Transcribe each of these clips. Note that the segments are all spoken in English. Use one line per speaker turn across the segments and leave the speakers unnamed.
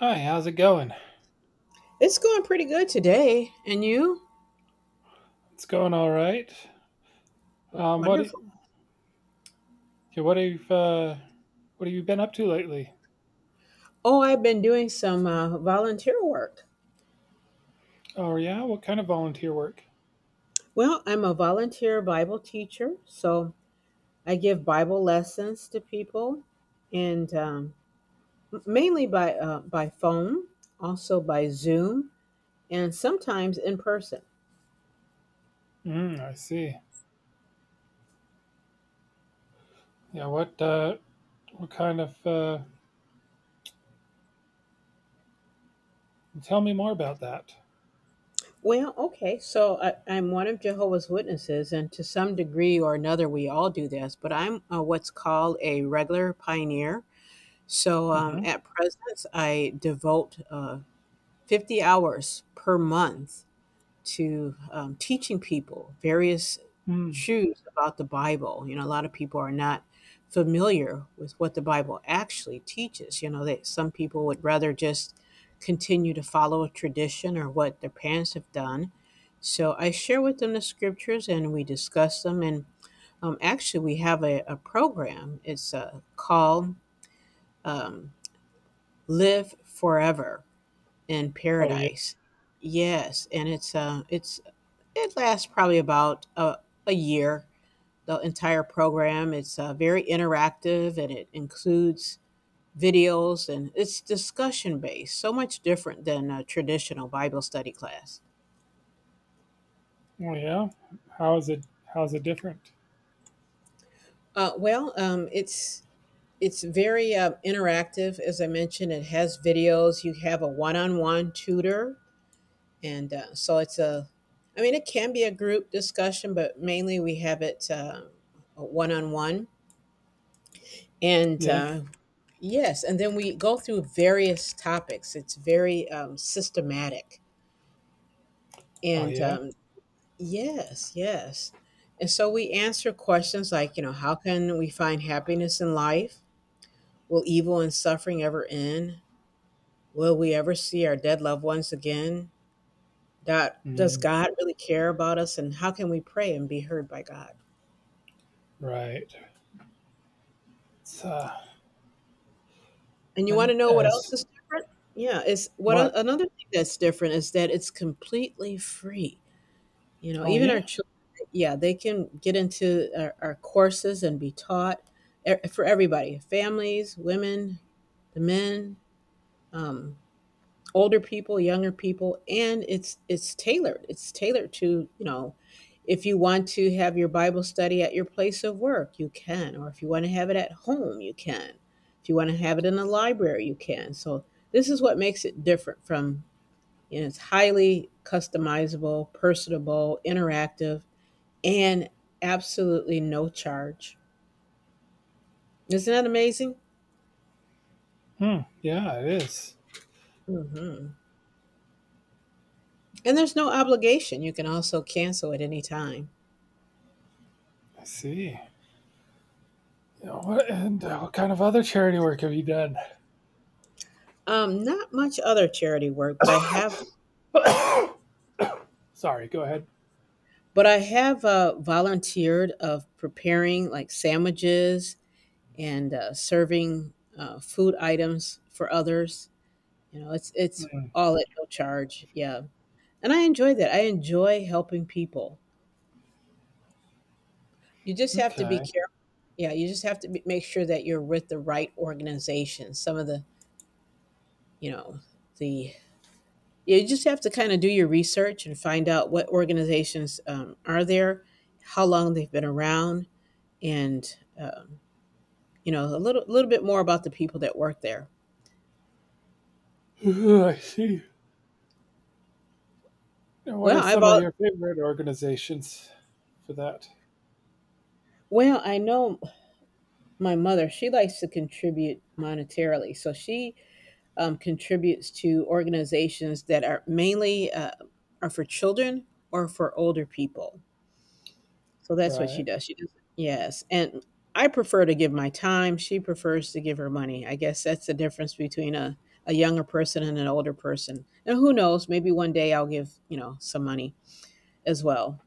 Hi, how's it going?
It's going pretty good today. And you?
It's going all right. What y-
Wonderful.
yeah, what have you been up to lately?
Oh, I've been doing some volunteer work.
Oh yeah, what kind of volunteer work?
Well, I'm a volunteer Bible teacher, so I give Bible lessons to people, and mainly by phone, also by Zoom, and sometimes in person.
Mm, I see. Yeah, what kind of? Tell me more about that.
Well, okay, so I'm one of Jehovah's Witnesses, and to some degree or another, we all do this. But I'm what's called a regular pioneer. So
Mm-hmm.
at present, I devote 50 hours per month to teaching people various
Mm.
truths about the Bible. You know, a lot of people are not familiar with what the Bible actually teaches. You know, that some people would rather just continue to follow a tradition or what their parents have done. So I share with them the scriptures and we discuss them. And actually, we have a program. It's called um, live forever in
Oh yeah.
paradise. Yes, and it lasts probably about a year. The entire program, it's very interactive and it includes videos, and it's discussion based. So much different than a traditional Bible study class.
Oh yeah. How is it? How's it different?
Well, it's very interactive. As I mentioned, it has videos. You have a one-on-one tutor, and so it's a I mean, it can be a group discussion, but mainly we have it one-on-one. And
Yeah.
yes, and then we go through various topics. It's very systematic.
Oh
And
yeah.
yes, yes. And so we answer questions like, you know, how can we find happiness in life? Will evil and suffering ever end? Will we ever see our dead loved ones again? Dot, does
Mm,
God really care about us? And how can we pray and be heard by God?
right. It's
And you want
and
to know what
as
else is different? Yeah, it's
what?
another thing that's different is that it's completely free. You know,
Oh
even
yeah.
our children, yeah, they can get into our courses and be taught, for everybody, families, women, the men. Um, Older people, younger people, and it's tailored. It's tailored to, if you want to have your Bible study at your place of work, you can, or if you want to have it at home, you can. If you want to have it in the library, you can. So this is what makes it different from, it's highly customizable, personable, interactive, and absolutely no charge. Isn't that amazing?
Hmm. Yeah, it is.
Hmm. And there's no obligation. You can also cancel at any time.
I see. What kind of other charity work have you done?
Not much other charity work, but I have,
Sorry, go ahead.
but I have volunteered of preparing like sandwiches, and serving food items for others. You know, it's
Mm,
all at no charge. Yeah, and I enjoy that. I enjoy helping people. You just have to be
okay.
careful. Yeah, you just have to make sure that you're with the right organization. Some of the you know the, yeah, you just have to kind of do your research and find out what organizations are there, how long they've been around, and you know, a little bit more about the people that work there.
Ooh, I see. And what
Well,
are some of your favorite organizations for that?
I know my mother. She likes to contribute monetarily, so she contributes to organizations that are mainly are for children or for older people. So that's what she
Right.
does. She does, yes, and I prefer to give my time, she prefers to give her money. I guess that's the difference between a younger person and an older person. And who knows, maybe one day I'll give, some money as well.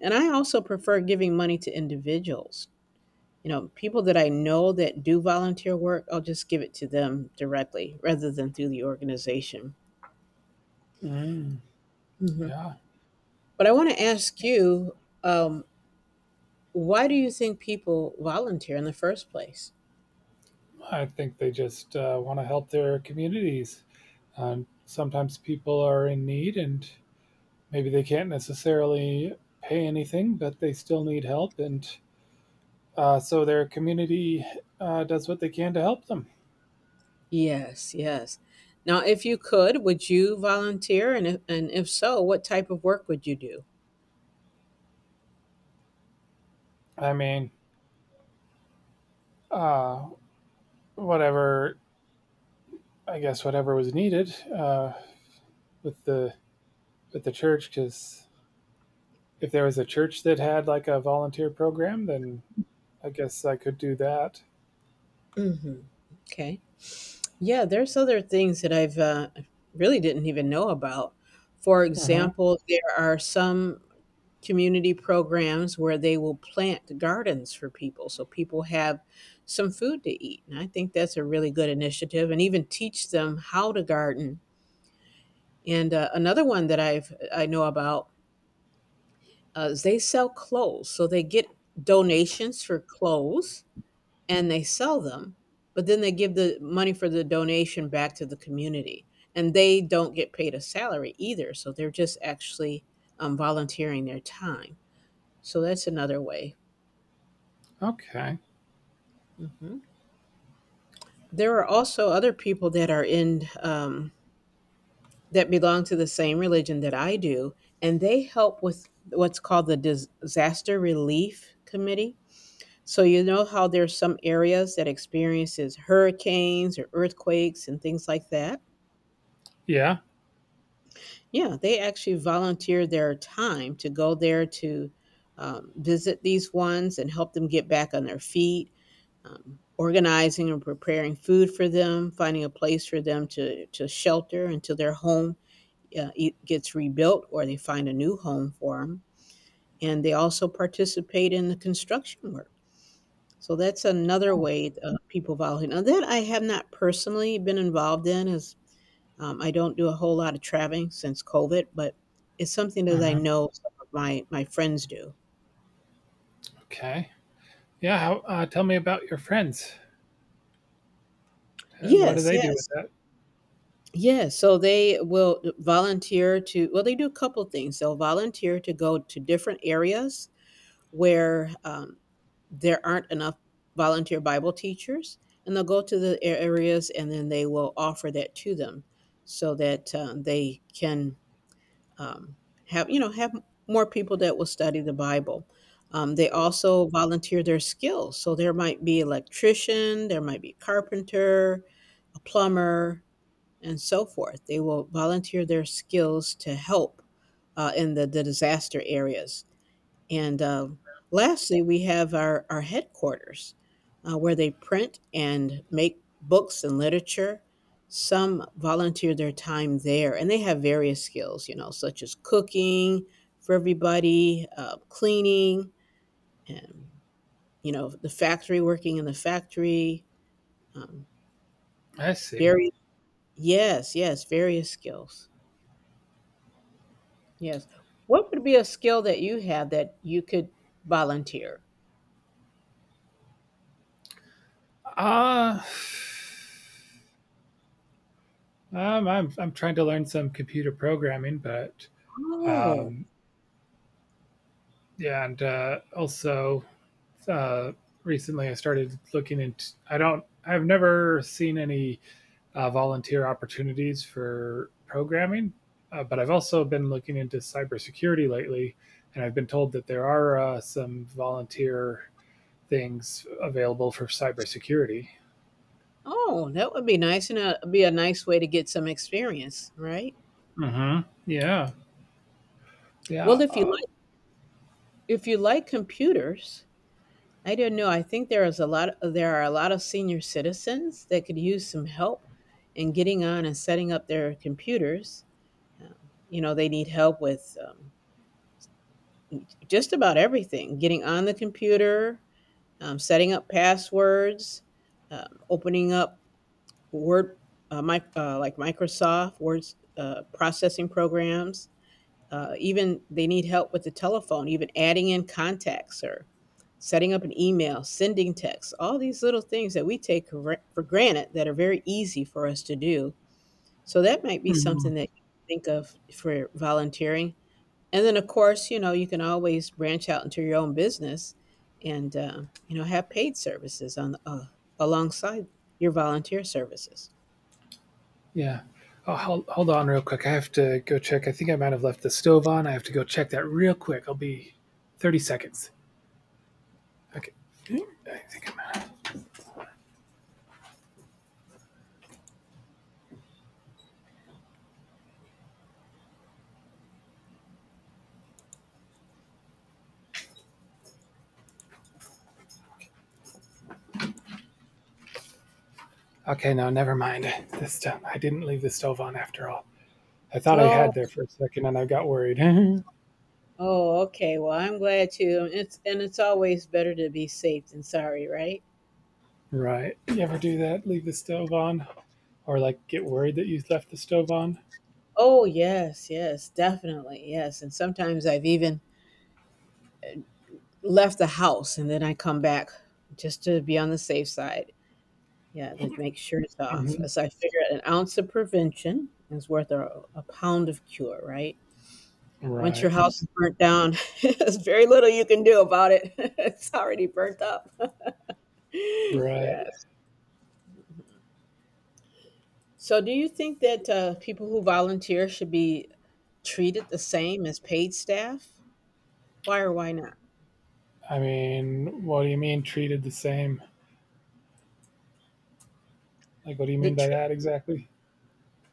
And I also prefer giving money to individuals. You know, people that I know that do volunteer work, I'll just give it to them directly rather than through the organization.
Mm,
Mhm.
yeah.
But I want to ask you, um, why do you think people volunteer in the first place?
I think they just want to help their communities. Sometimes people are in need and maybe they can't necessarily pay anything, but they still need help. And so their community does what they can to help them.
Yes, yes. Now, if you could, would you volunteer? And if so, what type of work would you do?
I mean, uh, whatever, I guess, whatever was needed with the with the church, because if there was a church that had like a volunteer program, then I guess I could do that.
Hmm. Okay. Yeah, there's other things that I've really didn't even know about. For
Hmm.
example, there are some community programs where they will plant gardens for people, so people have some food to eat. And I think that's a really good initiative, and even teach them how to garden. And another one that I know about. They sell clothes, so they get donations for clothes and they sell them, but then they give the money for the donation back to the community. And they don't get paid a salary either, so they're just actually volunteering their time. So that's another way.
Okay.
Hmm. There are also other people that are in that belong to the same religion that I do, and they help with what's called the disaster relief committee. So you know how there's some areas that experiences hurricanes or earthquakes and things like that.
Yeah.
Yeah, they actually volunteer their time to go there to visit these ones and help them get back on their feet, organizing and preparing food for them, finding a place for them to shelter until their home gets rebuilt, or they find a new home for them. And they also participate in the construction work. So that's another way people volunteer. Now that I have not personally been involved in is, I don't do a whole lot of traveling since COVID, but it's something that I
Hmm.
know some of my friends do.
Okay. Yeah. Tell me about your friends. What do
Yes,
they do with
yes,
that?
yes. So they will volunteer to. Well, they do a couple things. They'll volunteer to go to different areas where there aren't enough volunteer Bible teachers, and they'll go to the areas and then they will offer that to them so that they can um, have you know have more people that will study the Bible. They also volunteer their skills, so there might be electrician, there might be carpenter, a plumber, and so forth. They will volunteer their skills to help in the disaster areas. And lastly, we have our headquarters, where they print and make books and literature. Some volunteer their time there, and they have various skills, you know, such as cooking for everybody, cleaning, and, you know, the factory, working in the factory. Um,
I see.
very, yes, yes, various skills. Yes. What would be a skill that you have that you could volunteer?
Uh, I'm trying to learn some computer programming. But
Oh,
um, yeah, and also uh, recently I started looking into. I don't. I've never seen any volunteer opportunities for programming. But I've also been looking into cybersecurity lately, and I've been told that there are some volunteer things available for cybersecurity.
Oh, that would be nice, and it'd be a nice way to get some experience, right?
Mm-hmm. Yeah.
Well,
Yeah.
if you
Uh,
like, if you like computers, I don't know. I think there is a lot. There are a lot of senior citizens that could use some help in getting on and setting up their computers. Um, you know, they need help with just about everything: getting on the computer, setting up passwords, opening up Word, mic like Microsoft Word processing programs. Even they need help with the telephone, even adding in contacts or setting up an email, sending texts, all these little things that we take for granted that are very easy for us to do. So that might be
mhm.
something that you think of for volunteering. And then, of course, you know, you can always branch out into your own business and, you know, have paid services on alongside your volunteer services.
Yeah. Oh, hold on real quick. I have to go check. I think I might have left the stove on. I have to go check that real quick. I'll be 30 seconds. Okay. I think I'm out. Okay, no, never mind. This time I didn't leave the stove on after all. I thought I
Oh.
had there for a second and I got worried.
Oh, okay. Well, I'm glad too. It's always better to be safe than sorry, right?
Right. You ever do that? Leave the stove on? Or like get worried that you left the stove on?
Oh, yes, yes, definitely. Yes. And sometimes I've even left the house and then I come back just to be on the safe side. Yeah, to make sure it's off.
Hmm.
As I figure, an ounce of prevention is worth a pound of cure, right? Once your
Right.
house is burnt down, there's very little you can do about it. It's already burnt up.
Right.
Yes. So, do you think that people who volunteer should be treated the same as paid staff? Why or why not?
I mean, what do you mean treated the same? Like, what do you
The
mean by
tre-
that exactly?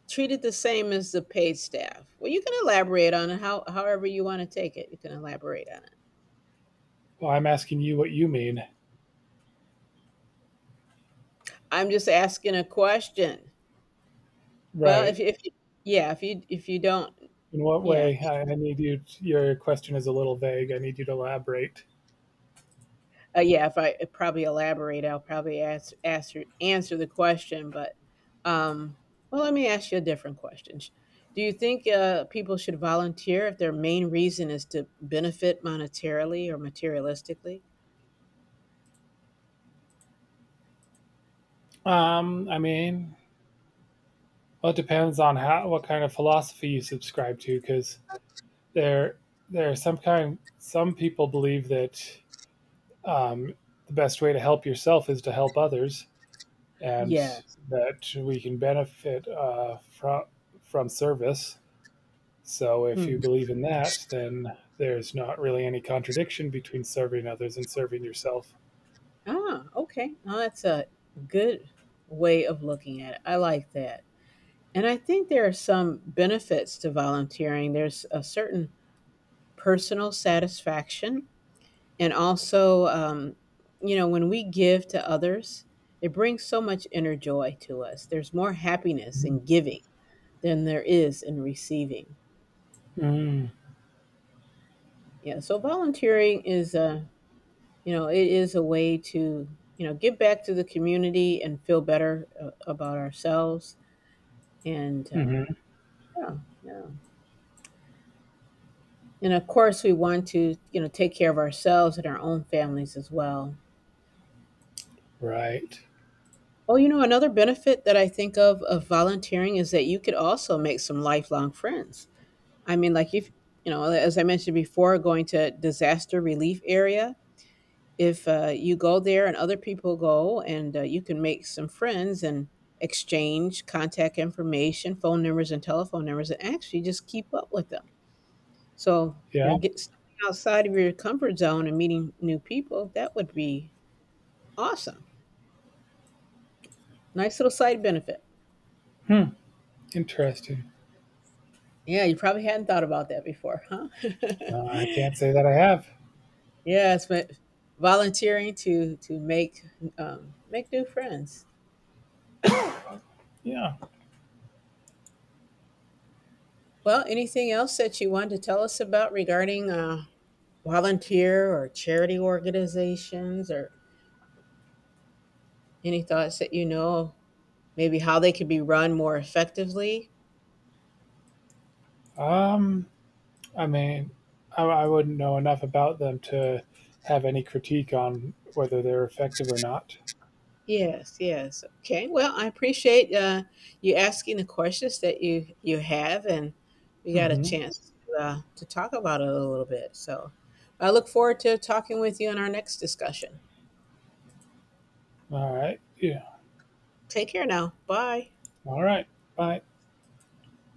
treated the same as the paid staff. Well, you can elaborate on it however you want to take it. You can elaborate on it.
Well, I'm asking you what you mean.
I'm just asking a question. Well,
Right.
if yeah, if you don't,
In what
yeah.
way? I need you, to, your question is a little vague. I need you to elaborate.
Yeah, if I probably elaborate, I'll probably ask, ask answer the question. But um, well, let me ask you a different question. Do you think people should volunteer if their main reason is to benefit monetarily or materialistically?
Um, I mean, well, it depends on what kind of philosophy you subscribe to, because there there are some people believe that um, the best way to help yourself is to help others, and
Yes.
that we can benefit from service. So if you
Mm.
believe in that, then there's not really any contradiction between serving others and serving yourself.
Ah, okay. Now that's a good way of looking at it. I like that. And I think there are some benefits to volunteering. There's a certain personal satisfaction. And also, you know, when we give to others, it brings so much inner joy to us. There's more happiness in giving than there is in receiving.
Mm.
Yeah. So volunteering is a, you know, it is a way to, give back to the community and feel better about ourselves. And
Mhm.
yeah, yeah. And of course, we want to, you know, take care of ourselves and our own families as well.
Right.
Oh, you know, another benefit that I think of volunteering is that you could also make some lifelong friends. I mean, like if you know, as I mentioned before, going to disaster relief area, if you go there and other people go, and you can make some friends and exchange contact information, phone numbers, and telephone numbers, and actually just keep up with them. So,
Yeah.
get stepping outside of your comfort zone and meeting new people. That would be awesome. Nice little side benefit.
Hmm. Interesting.
Yeah, you probably hadn't thought about that before, huh?
I can't say that I have.
Yes, but volunteering to make new friends. Yeah.
Yeah.
Well, anything else that you want to tell us about regarding volunteer or charity organizations, or any thoughts that, maybe how they could be run more effectively?
Um, I mean, I wouldn't know enough about them to have any critique on whether they're effective or not.
Yes, yes. Okay. Well, I appreciate you asking the questions that you have, and we got a
Mm-hmm.
chance to talk about it a little bit. So I look forward to talking with you in our next discussion.
All right. Yeah.
Take care now. Bye.
All right. Bye.